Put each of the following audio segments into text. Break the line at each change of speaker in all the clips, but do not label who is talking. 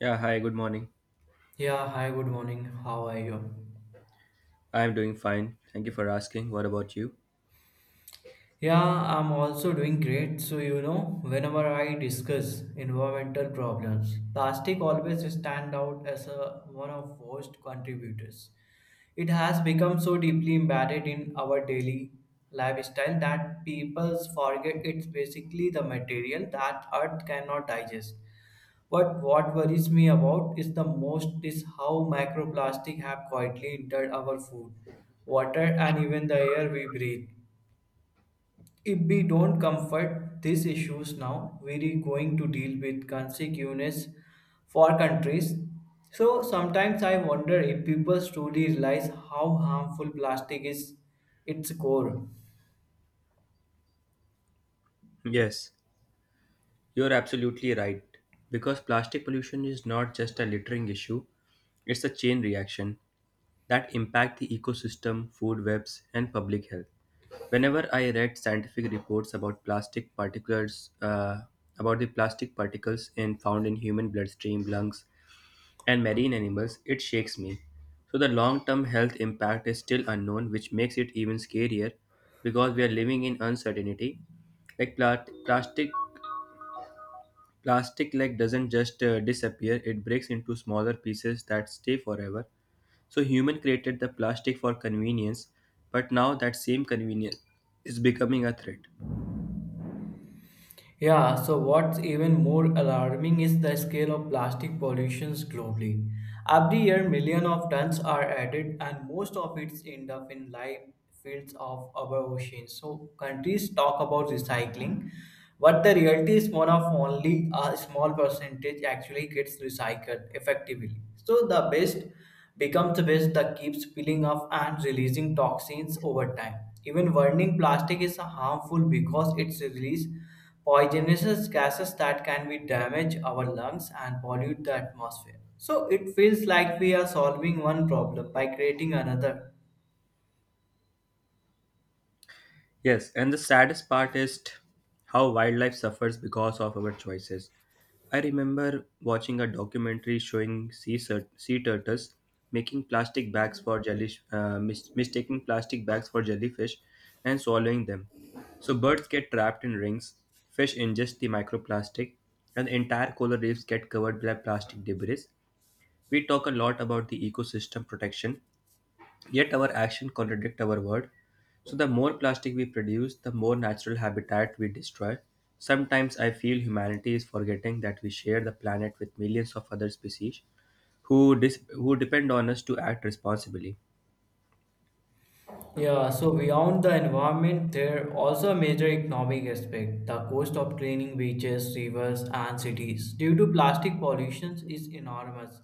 Yeah, hi, good morning.
Yeah, hi, good morning. How are you?
I am doing fine. Thank you for asking. What about you?
Yeah, I'm also doing great. So, whenever I discuss environmental problems, plastic always stand out as a, one of worst contributors. It has become so deeply embedded in our daily lifestyle that people forget it's basically the material that earth cannot digest. But what worries me about is the most is how microplastic have quietly entered our food, water and even the air we breathe. If we don't comfort these issues now, we're going to deal with consequences for countries. So sometimes I wonder if people truly realize how harmful plastic is its core.
Yes, you're absolutely right. Because plastic pollution is not just a littering issue, it's a chain reaction that impact the ecosystem, food webs, and public health. Whenever I read scientific reports about plastic particles, about the plastic particles in, found in human bloodstream, lungs, and marine animals, it shakes me. So the long term health impact is still unknown, which makes it even scarier because we are living in uncertainty. Like pla- plastic, plastic doesn't just disappear; it breaks into smaller pieces that stay forever. So human created the plastic for convenience, but now that same convenience is becoming a threat.
Yeah, so what's even more alarming is the scale of plastic pollutions globally. Every year millions of tons are added and most of it end up in live fields of our oceans. So countries talk about recycling. But the reality is one of only a small percentage actually gets recycled effectively. So the best becomes the best that keeps peeling off and releasing toxins over time. Even burning plastic is harmful because it's release poisonous gases that can be damage our lungs and pollute the atmosphere. So it feels like we are solving one problem by creating another.
Yes, and the saddest part is how wildlife suffers because of our choices. I remember watching a documentary showing sea turtles making plastic bags for jellyfish, mis- mistaking plastic bags for jellyfish and swallowing them. So birds get trapped in rings, fish ingest the microplastic, and entire coral reefs get covered by plastic debris. We talk a lot about the ecosystem protection, yet our actions contradict our word. So the more plastic we produce, the more natural habitat we destroy. Sometimes I feel humanity is forgetting that we share the planet with millions of other species who depend on us to act responsibly.
Yeah, so beyond the environment, there are also major economic aspect. The cost of cleaning beaches, rivers, and cities due to plastic pollution is enormous.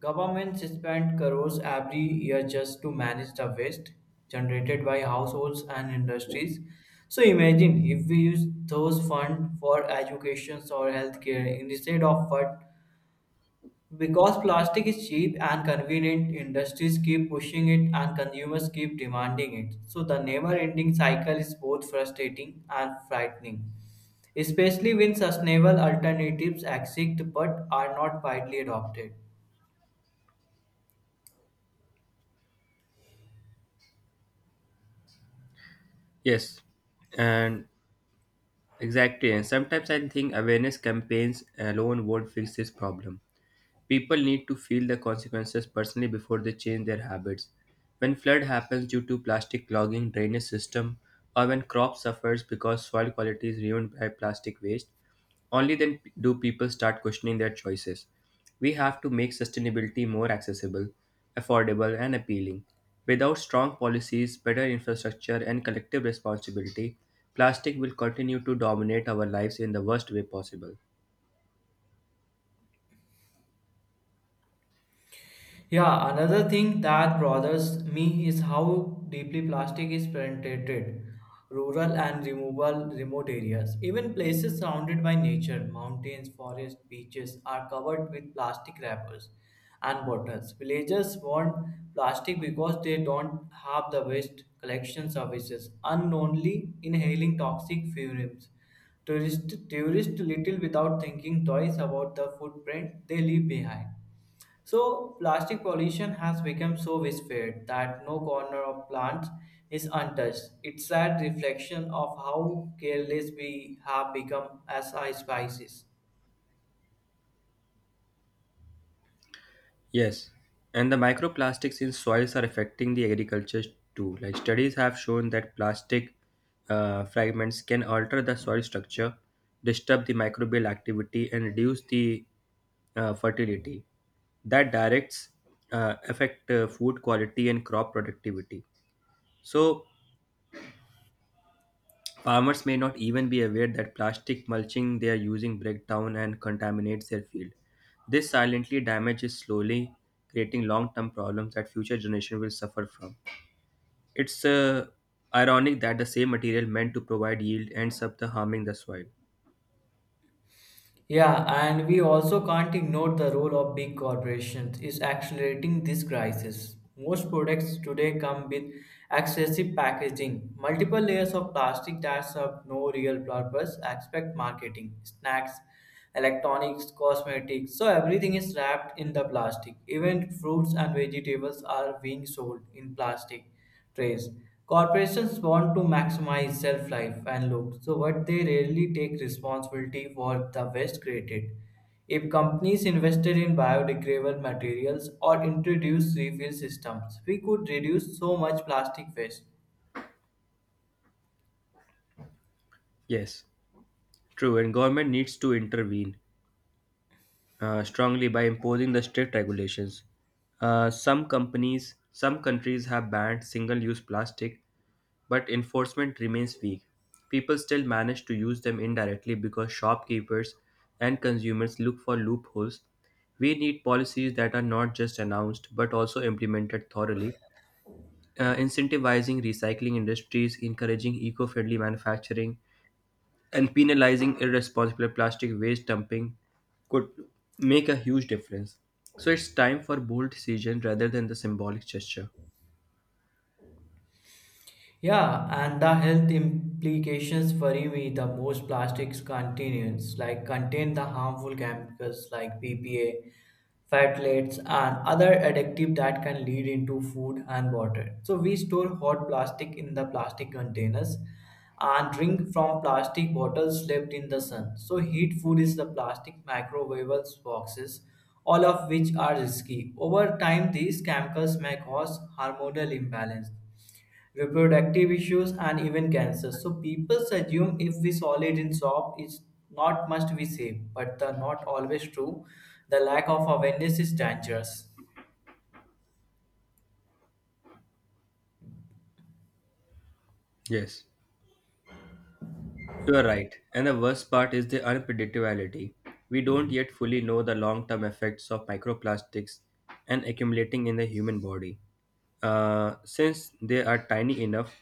Governments spend crores every year just to manage the waste generated by households and industries. So imagine if we use those funds for education or healthcare instead of what, because plastic is cheap and convenient, industries keep pushing it and consumers keep demanding it. So the never-ending cycle is both frustrating and frightening, especially when sustainable alternatives exist but are not widely adopted.
Yes, and exactly. And sometimes I think awareness campaigns alone won't fix this problem. People need to feel the consequences personally before they change their habits. When flood happens due to plastic clogging drainage system or when crop suffers because soil quality is ruined by plastic waste, only then do people start questioning their choices. We have to make sustainability more accessible, affordable, and appealing. Without strong policies, better infrastructure, and collective responsibility, plastic will continue to dominate our lives in the worst way possible.
Yeah, another thing that bothers me is how deeply plastic is penetrated rural and removal remote areas. Even places surrounded by nature, mountains, forests, beaches are covered with plastic wrappers and bottles. Villagers want plastic because they don't have the waste collection services, unknowingly inhaling toxic fumes. Tourists tourist tourist little without thinking twice about the footprint they leave behind. So, plastic pollution has become so widespread that no corner of plants is untouched. It's a sad reflection of how careless we have become as a species.
Yes, and the microplastics in soils are affecting the agriculture too. Like studies have shown that plastic fragments can alter the soil structure, disturb the microbial activity, and reduce the fertility. That directs affect food quality and crop productivity. So farmers may not even be aware that plastic mulching they are using breaks down and contaminates their field. This silently damages slowly, creating long-term problems that future generations will suffer from. It's ironic that the same material meant to provide yield ends up the harming the soil.
Yeah, and we also can't ignore the role of big corporations is accelerating this crisis. Most products today come with excessive packaging, multiple layers of plastic that serve no real purpose, except marketing, snacks, electronics, cosmetics. So everything is wrapped in the plastic. Even fruits and vegetables are being sold in plastic trays. Corporations want to maximize shelf life and look, so what they rarely take responsibility for the waste created. If companies invested in biodegradable materials or introduced refill systems, we could reduce so much plastic waste.
Yes, true. And government needs to intervene strongly by imposing the strict regulations. Some countries have banned single-use plastic, but enforcement remains weak. People still manage to use them indirectly because shopkeepers and consumers look for loopholes. We need policies that are not just announced but also implemented thoroughly, incentivizing recycling industries, encouraging eco-friendly manufacturing, and penalizing irresponsible plastic waste dumping could make a huge difference. So it's time for bold decision rather than the symbolic gesture.
Yeah, and the health implications worry me the most. Plastics containers like contain the harmful chemicals like BPA, phthalates, and other additives that can lead into food and water. So we store hot plastic in the plastic containers and drink from plastic bottles left in the sun. So heat food is the plastic microwaves boxes, all of which are risky. Over time, these chemicals may cause hormonal imbalance reproductive issues, and even cancer. So people assume if we solve it in shop, it's not must we say, but the not always true. The lack of awareness is dangerous.
Yes. You are right. And the worst part is the unpredictability. We don't yet fully know the long term effects of microplastics and accumulating in the human body. Since they are tiny enough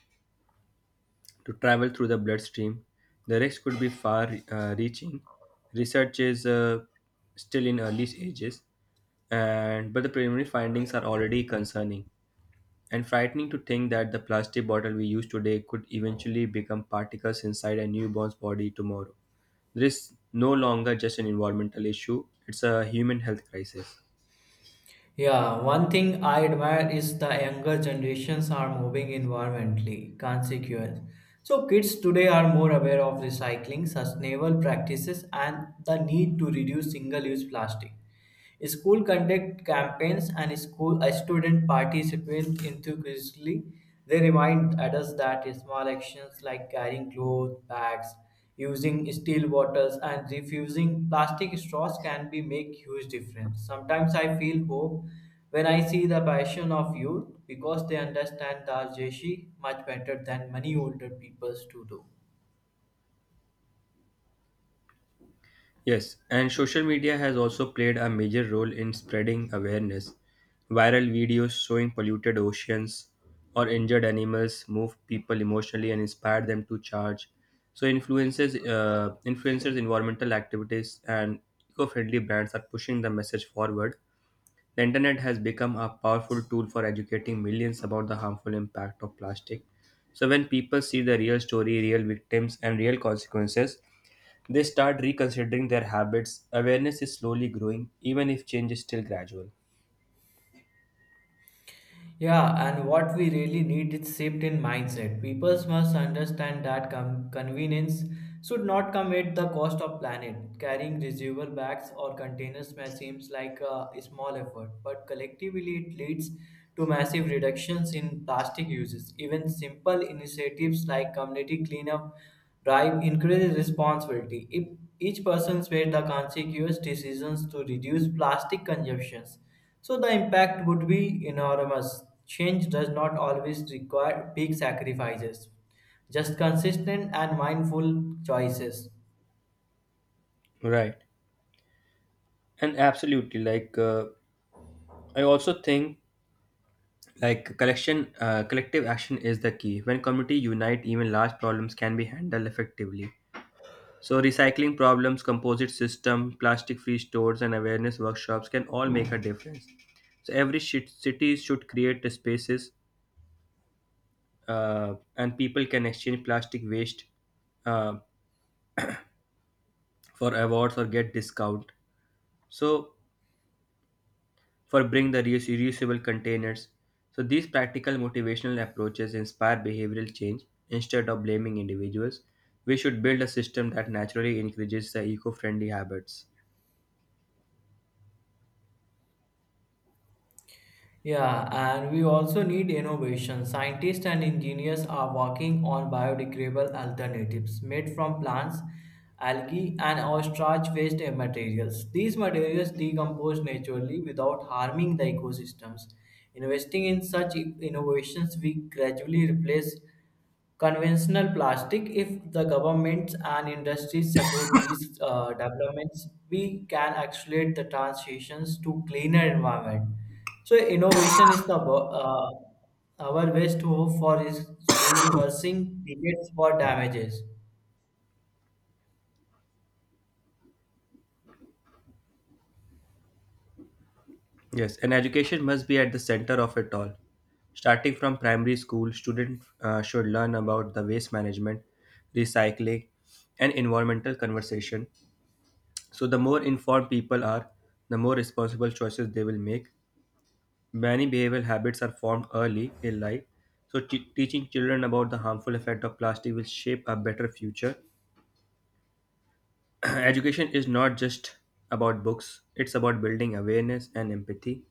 to travel through the bloodstream, the risk could be far reaching. Research is still in early stages, and but the preliminary findings are already concerning. And frightening to think that the plastic bottle we use today could eventually become particles inside a newborn's body tomorrow. There is no longer just an environmental issue, it's a human health crisis.
Yeah, one thing I admire is the younger generations are moving environmentally consequence. So kids today are more aware of recycling, sustainable practices, and the need to reduce single-use plastic. School conduct campaigns and school student participate enthusiastically. They remind adults that small actions like carrying clothes, bags, using steel bottles and refusing plastic straws can be make huge difference. Sometimes I feel hope when I see the passion of youth because they understand the Jeshi much better than many older peoples to do.
Yes, and social media has also played a major role in spreading awareness. Viral videos showing polluted oceans or injured animals move people emotionally and inspire them to charge. So influencers, environmental activities, and eco-friendly brands are pushing the message forward. The internet has become a powerful tool for educating millions about the harmful impact of plastic. So, when people see the real story, real victims, and real consequences, they start reconsidering their habits. Awareness is slowly growing, even if change is still gradual.
Yeah, and what we really need is shift in mindset. People must understand that convenience should not come at the cost of planet. Carrying reusable bags or containers may seems like a small effort, but collectively it leads to massive reductions in plastic uses. Even simple initiatives like community cleanup drive increases responsibility. If each person makes the conscious decisions to reduce plastic consumptions so the impact would be enormous. Change does not always require big sacrifices, just consistent and mindful choices.
Right. And absolutely, like, I also think like collection collective action is the key. When community unite, even large problems can be handled effectively. So recycling problems, composite system, plastic-free stores, and awareness workshops can all make a difference. So every shit city should create the spaces, and people can exchange plastic waste uh, for awards or get discount. So for bring the reuse- reusable containers. So these practical motivational approaches inspire behavioral change instead of blaming individuals. We should build a system that naturally encourages the eco-friendly habits.
Yeah, and we also need innovation. Scientists and engineers are working on biodegradable alternatives made from plants, algae, and ostrich waste materials. These materials decompose naturally without harming the ecosystems. Investing in such innovations, we gradually replace conventional plastic. If the governments and industries support these developments, we can accelerate the transitions to cleaner environment. So innovation is the uh, our best hope for is reversing decades for damages.
Yes, and education must be at the center of it all. Starting from primary school, students should learn about the waste management, recycling, and environmental conversation. So, the more informed people are, the more responsible choices they will make. Many behavioral habits are formed early in life. So, teaching children about the harmful effect of plastic will shape a better future. Education is not just about books, it's about building awareness and empathy.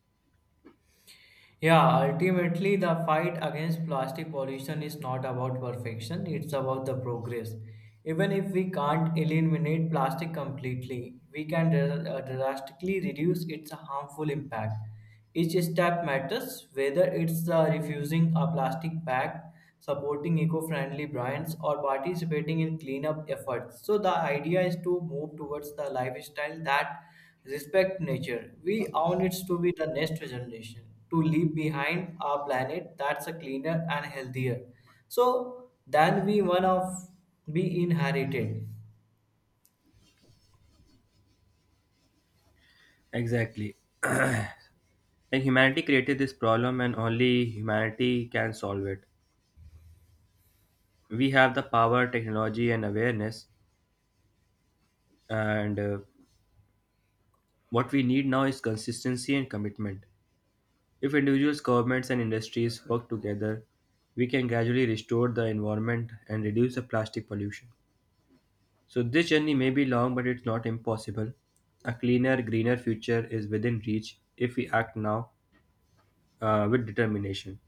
Yeah, ultimately, the fight against plastic pollution is not about perfection, it's about the progress. Even if we can't eliminate plastic completely, we can drastically reduce its harmful impact. Each step matters, whether it's refusing a plastic bag, supporting eco friendly brands, or participating in cleanup efforts. So, the idea is to move towards the lifestyle that respect nature. We own it to be the next generation, to leave behind our planet that's a cleaner and healthier. So than we one of be inherited.
Exactly. And humanity created this problem, and only humanity can solve it. We have the power, technology, and awareness. And what we need now is consistency and commitment. If individuals, governments, and industries work together, we can gradually restore the environment and reduce the plastic pollution. So, this journey may be long, but it's not impossible. A cleaner, greener future is within reach if we act now with determination.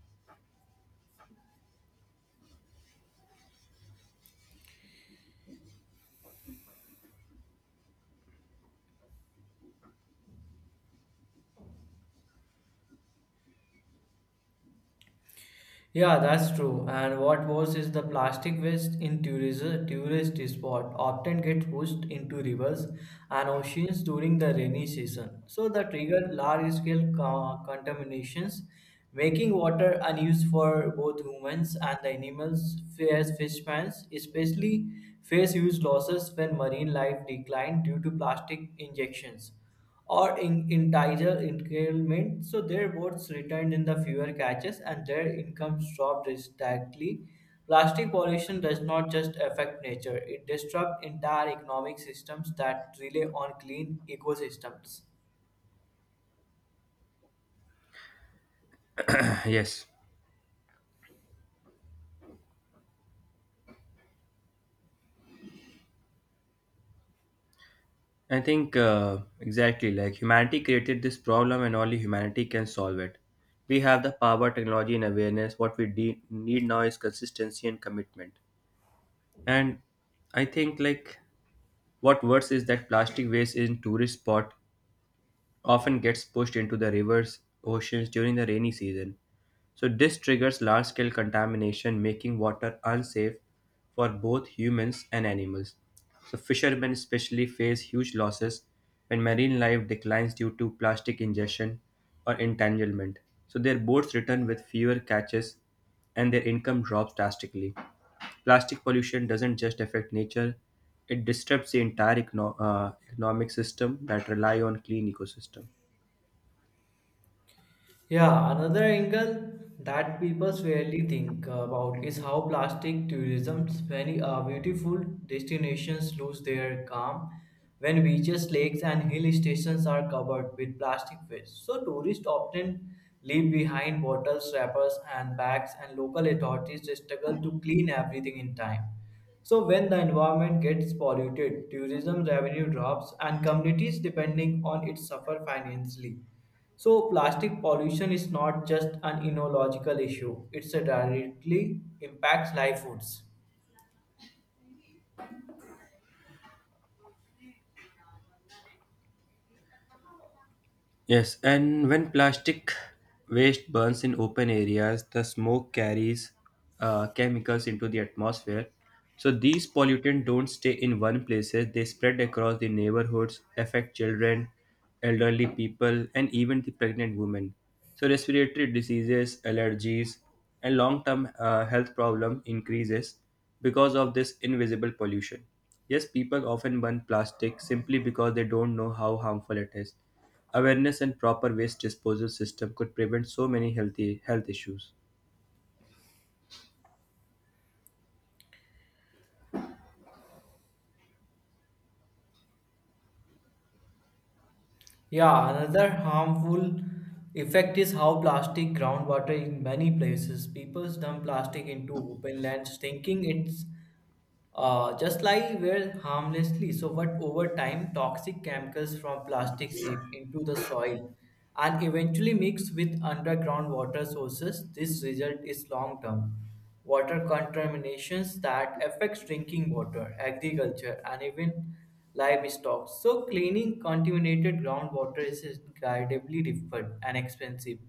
Yeah, that's true. And what worse is the plastic waste in tourism, tourist spot often get pushed into rivers and oceans during the rainy season. So the trigger large-scale contaminations, making water unused for both humans and the animals. Fierce fishermen especially face huge losses when marine life decline due to plastic injections or in entire increment. So their votes returned in the fewer catches and their income dropped drastically. Plastic pollution does not just affect nature, it disrupts entire economic systems that rely on clean ecosystems.
Yes. I think Exactly, like humanity created this problem and only humanity can solve it. We have the power, technology, and awareness. What we need now is consistency and commitment. And I think like what worse is that plastic waste in tourist spot often gets pushed into the rivers, oceans during the rainy season. So this triggers large-scale contamination, making water unsafe for both humans and animals. So fishermen especially face huge losses when marine life declines due to plastic ingestion or entanglement. So their boats return with fewer catches and their income drops drastically. Plastic pollution doesn't just affect nature, it disrupts the entire economic system that rely on clean ecosystem.
Yeah, another angle that people rarely think about is how plastic tourism, many beautiful destinations lose their calm when beaches, lakes, and hill stations are covered with plastic waste. So tourists often leave behind bottles, wrappers, and bags, and local authorities struggle to clean everything in time. So when the environment gets polluted, tourism revenue drops and communities depending on it suffer financially. So plastic pollution is not just an enological issue, it's a directly impacts livelihoods.
Yes, and when plastic waste burns in open areas, the smoke carries chemicals into the atmosphere. So these pollutants don't stay in one place, they spread across the neighborhoods, affect children, elderly people, and even the pregnant women. So respiratory diseases, allergies, and long-term health problem increases because of this invisible pollution. Yes, people often burn plastic simply because they don't know how harmful it is. Awareness and proper waste disposal system could prevent so many healthy health issues.
Yeah, another harmful effect is how plastic groundwater in many places. People dump plastic into open lands thinking it's just like were harmlessly, so but over time, toxic chemicals from plastic seep into the soil and eventually mix with underground water sources. This result is long-term water contaminations that affects drinking water, agriculture, and even livestock. So cleaning contaminated groundwater is incredibly difficult and expensive.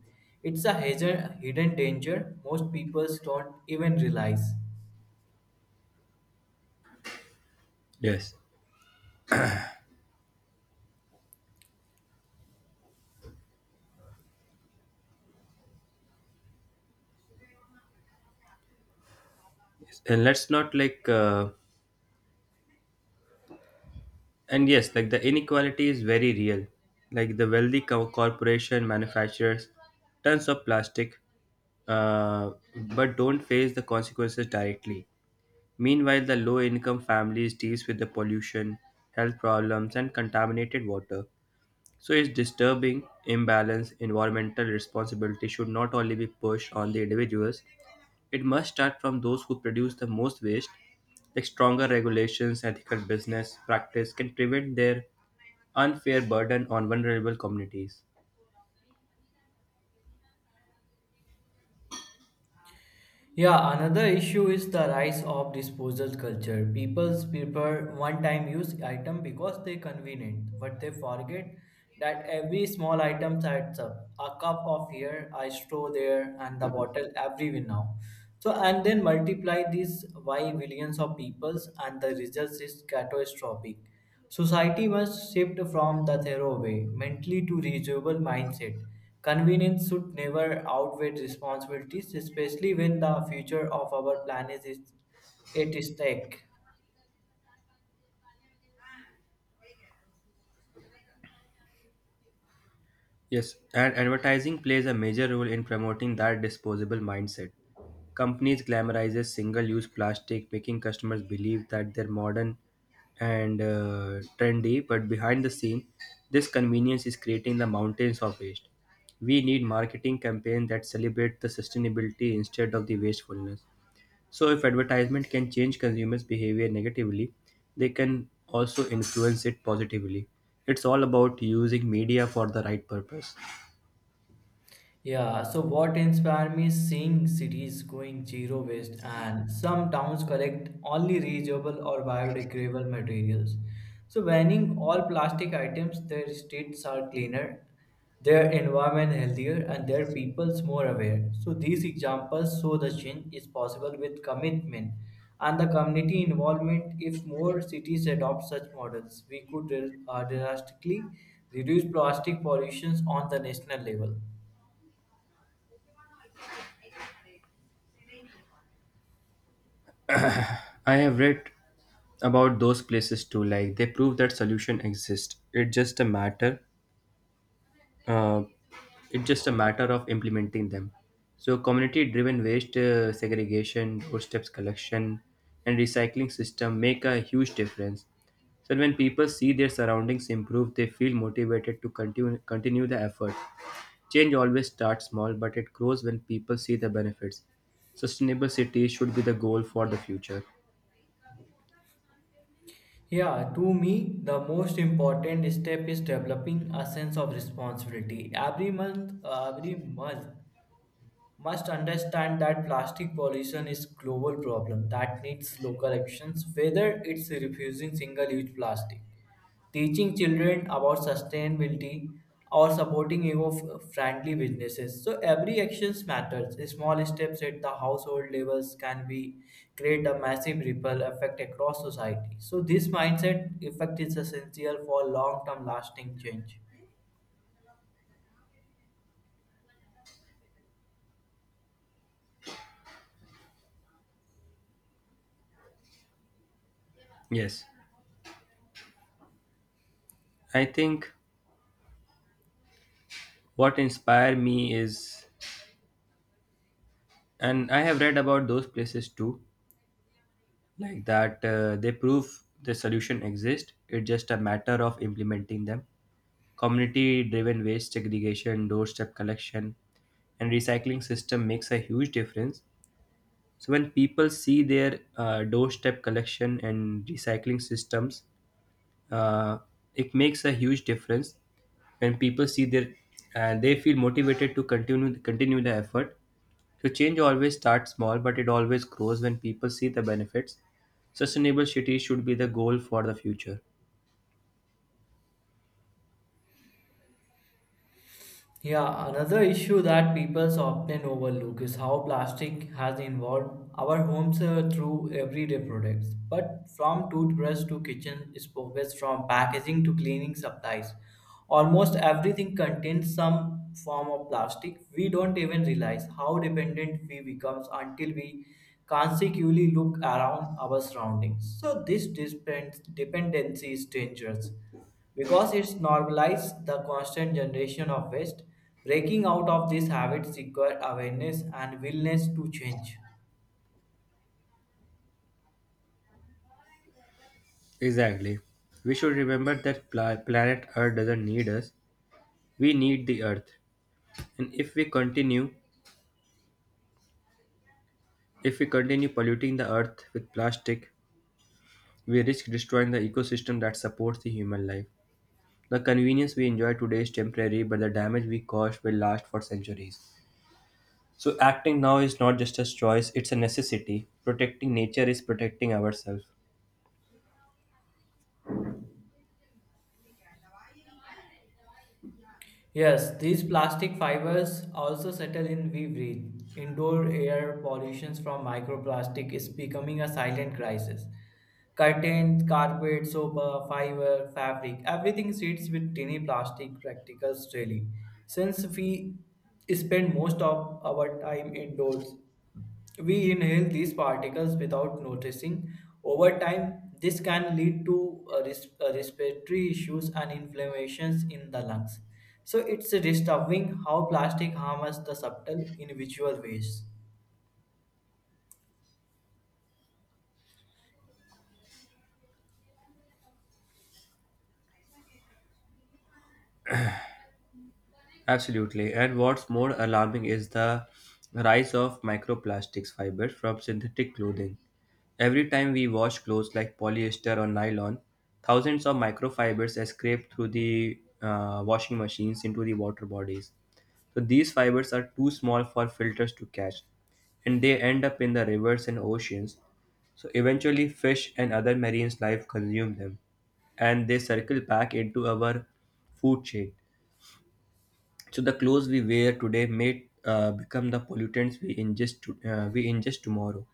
It's a hazard, hidden danger most people don't even realize.
Yes. Yes. And let's not like, and yes, like the inequality is very real. Like the corporation manufacturers tons of plastic, uh, but don't face the consequences directly. Meanwhile, the low income families deals with the pollution, health problems, and contaminated water. So it's disturbing imbalance. Environmental responsibility should not only be pushed on the individuals. It must start from those who produce the most waste. Like stronger regulations, ethical business practice can prevent their unfair burden on vulnerable communities.
Yeah, another issue is the rise of disposal culture. People prefer one-time use item because they're convenient, but they forget that every small item adds up. A cup of here, a straw there, and the bottle everywhere now. So and then multiply this by billions of peoples and the result is catastrophic. Society must shift from the thorough way, mentally to reusable mindset. Convenience should never outweigh responsibilities, especially when the future of our planet is at stake.
Yes, and advertising plays a major role in promoting that disposable mindset. Companies glamorizes single-use plastic, making customers believe that they're modern and trendy, but behind the scene, this convenience is creating the mountains of waste. We need marketing campaigns that celebrate the sustainability instead of the wastefulness. So if advertisement can change consumers' behavior negatively, they can also influence it positively. It's all about using media for the right purpose.
Yeah, so what inspired me is seeing cities going zero waste and some towns collect only reusable or biodegradable materials. So banning all plastic items, their streets are cleaner, their environment healthier, and their peoples more aware. So these examples show the change is possible with commitment and the community involvement. If more cities adopt such models, we could drastically reduce plastic pollutions on the national level.
I have read about those places too. Like they prove that solution exist. It's just a matter. Uh, it's just a matter of implementing them. So community-driven waste segregation, doorsteps collection, and recycling system make a huge difference. So when people see their surroundings improve, they feel motivated to continue the effort. Change always starts small, but it grows when people see the benefits. Sustainable cities should be the goal for the future.
Yeah, to me, the most important step is developing a sense of responsibility. Every month, must understand that plastic pollution is global problem that needs local actions whether it's refusing single use plastic teaching children about sustainability or supporting eco-friendly businesses so every actions matters small steps at the household levels can be create a massive ripple effect across society so this mindset effect is essential for long-term lasting change.
Yes. I think what inspired me is, and I have read about those places too, like that they prove the solution exists. It's just a matter of implementing them. Community driven waste segregation, doorstep collection, and recycling system makes a huge difference. So when people see their doorstep collection and recycling systems uh, it makes a huge difference when people see their and they feel motivated to continue the effort. So change always starts small, but it always grows when people see the benefits. Sustainable cities should be the goal for the future.
Yeah, another issue that people often overlook is how plastic has involved our homes through everyday products. But from toothbrush to kitchen spokes, from packaging to cleaning supplies, almost everything contains some form of plastic. We don't even realize how dependent we become until we consequently look around our surroundings. So this dependency is dangerous because it's normalized the constant generation of waste, breaking out of these habits require awareness and willingness to change.
Exactly. We should remember that planet earth doesn't need us, we need the earth. And if we continue polluting the earth with plastic, we risk destroying the ecosystem that supports the human life. The convenience we enjoy today is temporary, but the damage we caused will last for centuries. So, acting now is not just a choice, it's a necessity. Protecting nature is protecting ourselves.
Yes, these plastic fibers also settle in we breathe. Indoor air pollution from microplastic is becoming a silent crisis. Curtains, carpet, sofa, fiber, fabric, everything sits with tiny plastic particles daily. Since we spend most of our time indoors, we inhale these particles without noticing. Over time, this can lead to respiratory issues and inflammations in the lungs. So, it's disturbing how plastic harms the subtle in visual ways.
Absolutely. And what's more alarming is the rise of microplastics fibers from synthetic clothing. Every time we wash clothes like polyester or nylon, thousands of microfibers escape through the washing machines into the water bodies. So these fibers are too small for filters to catch, and they end up in the rivers and oceans. So eventually, fish and other marine life consume them, and they circle back into our food chain. So the clothes we wear today may become the pollutants we ingest to, we ingest tomorrow.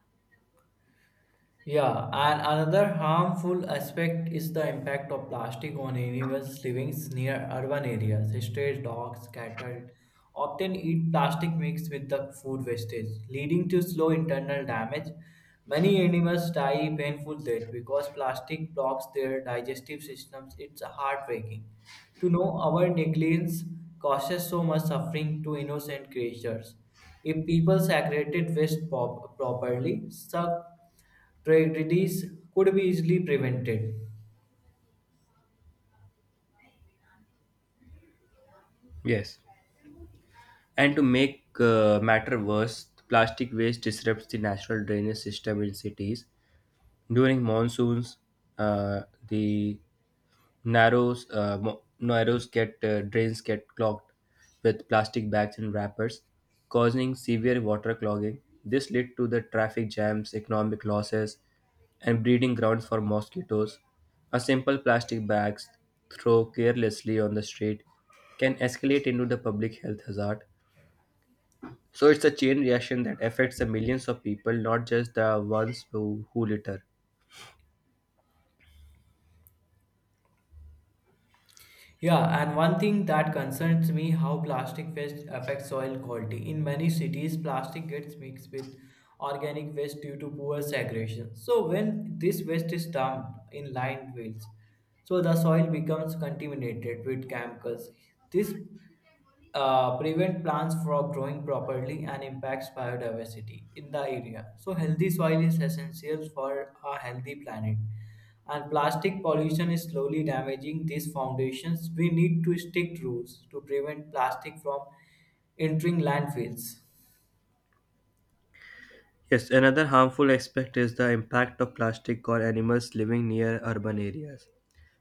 Yeah, and another harmful aspect is the impact of plastic on animals living near urban areas. Stray dogs, cattle often eat plastic mixed with the food wastage, leading to slow internal damage. Many animals die painful death because plastic blocks their digestive systems. It's heartbreaking to know our negligence causes so much suffering to innocent creatures. If people segregated waste pop properly, suck tragedies could be easily prevented.
Yes. And to make matter worse, plastic waste disrupts the natural drainage system in cities. During monsoons, uh, the narrows get drains get clogged with plastic bags and wrappers, causing severe water clogging. This led to the traffic jams, economic losses, and breeding grounds for mosquitoes. A simple plastic bag thrown carelessly on the street can escalate into the public health hazard. So it's a chain reaction that affects the millions of people, not just the ones who litter.
Yeah, and one thing that concerns me how plastic waste affects soil quality. In many cities, plastic gets mixed with organic waste due to poor segregation. So when this waste is dumped in landfills, so the soil becomes contaminated with chemicals. This prevent plants from growing properly and impacts biodiversity in the area. So, healthy soil is essential for a healthy planet, and plastic pollution is slowly damaging these foundations. We need to stick rules to prevent plastic from entering landfills.
Yes, another harmful aspect is the impact of plastic on animals living near urban areas.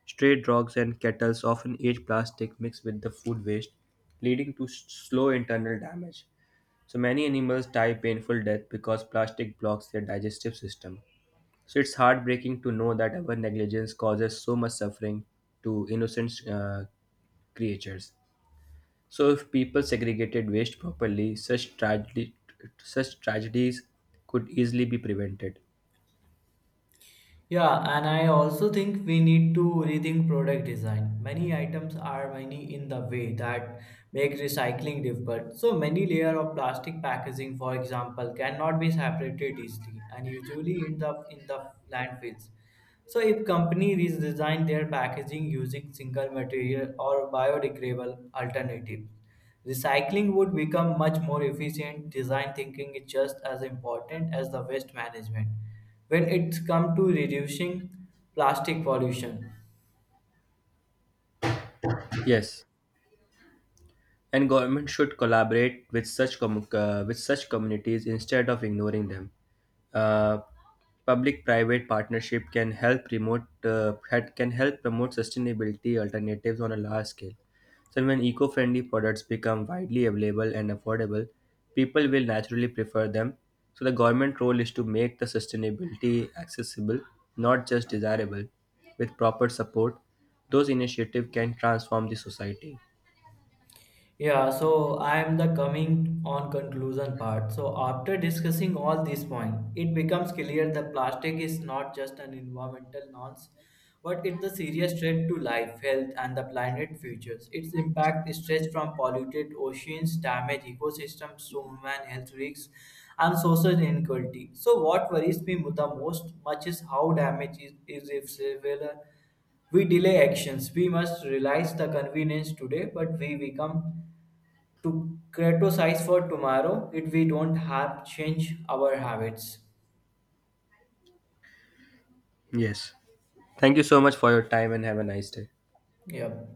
Stray dogs and kettles often eat plastic mixed with the food waste, leading to slow internal damage. So many animals die painful death because plastic blocks their digestive system. So it's heartbreaking to know that our negligence causes so much suffering to innocent creatures. So, if people segregated waste properly, such tragedies could easily be prevented.
Yeah, and I also think we need to rethink product design. Many items are many in the way that make recycling difficult. So many layer of plastic packaging, for example, cannot be separated easily and usually end up in the landfills. So if company redesign their packaging using single material or biodegradable alternatives, recycling would become much more efficient. Design thinking is just as important as the waste management when it's come to reducing plastic pollution.
Yes. And government should collaborate with such communities instead of ignoring them. Uh, Public-private partnership can help promote can help promote sustainability alternatives on a large scale. So when eco-friendly products become widely available and affordable, people will naturally prefer them. So the government role is to make the sustainability accessible, not just desirable. With proper support, those initiatives can transform the society.
Yeah, so I am the coming on conclusion part. So after discussing all these points, it becomes clear that plastic is not just an environmental nonce, but it's a serious threat to life, health, and the planet futures. Its impact stretches from polluted oceans, damaged ecosystems, to human health risks, and social inequality. So what worries me the most much is how damage is irreversible we delay actions. We must realize the convenience today, but we become to criticize for tomorrow if we don't have change our habits.
Yes. Thank you so much for your time and have a nice day.
Yep.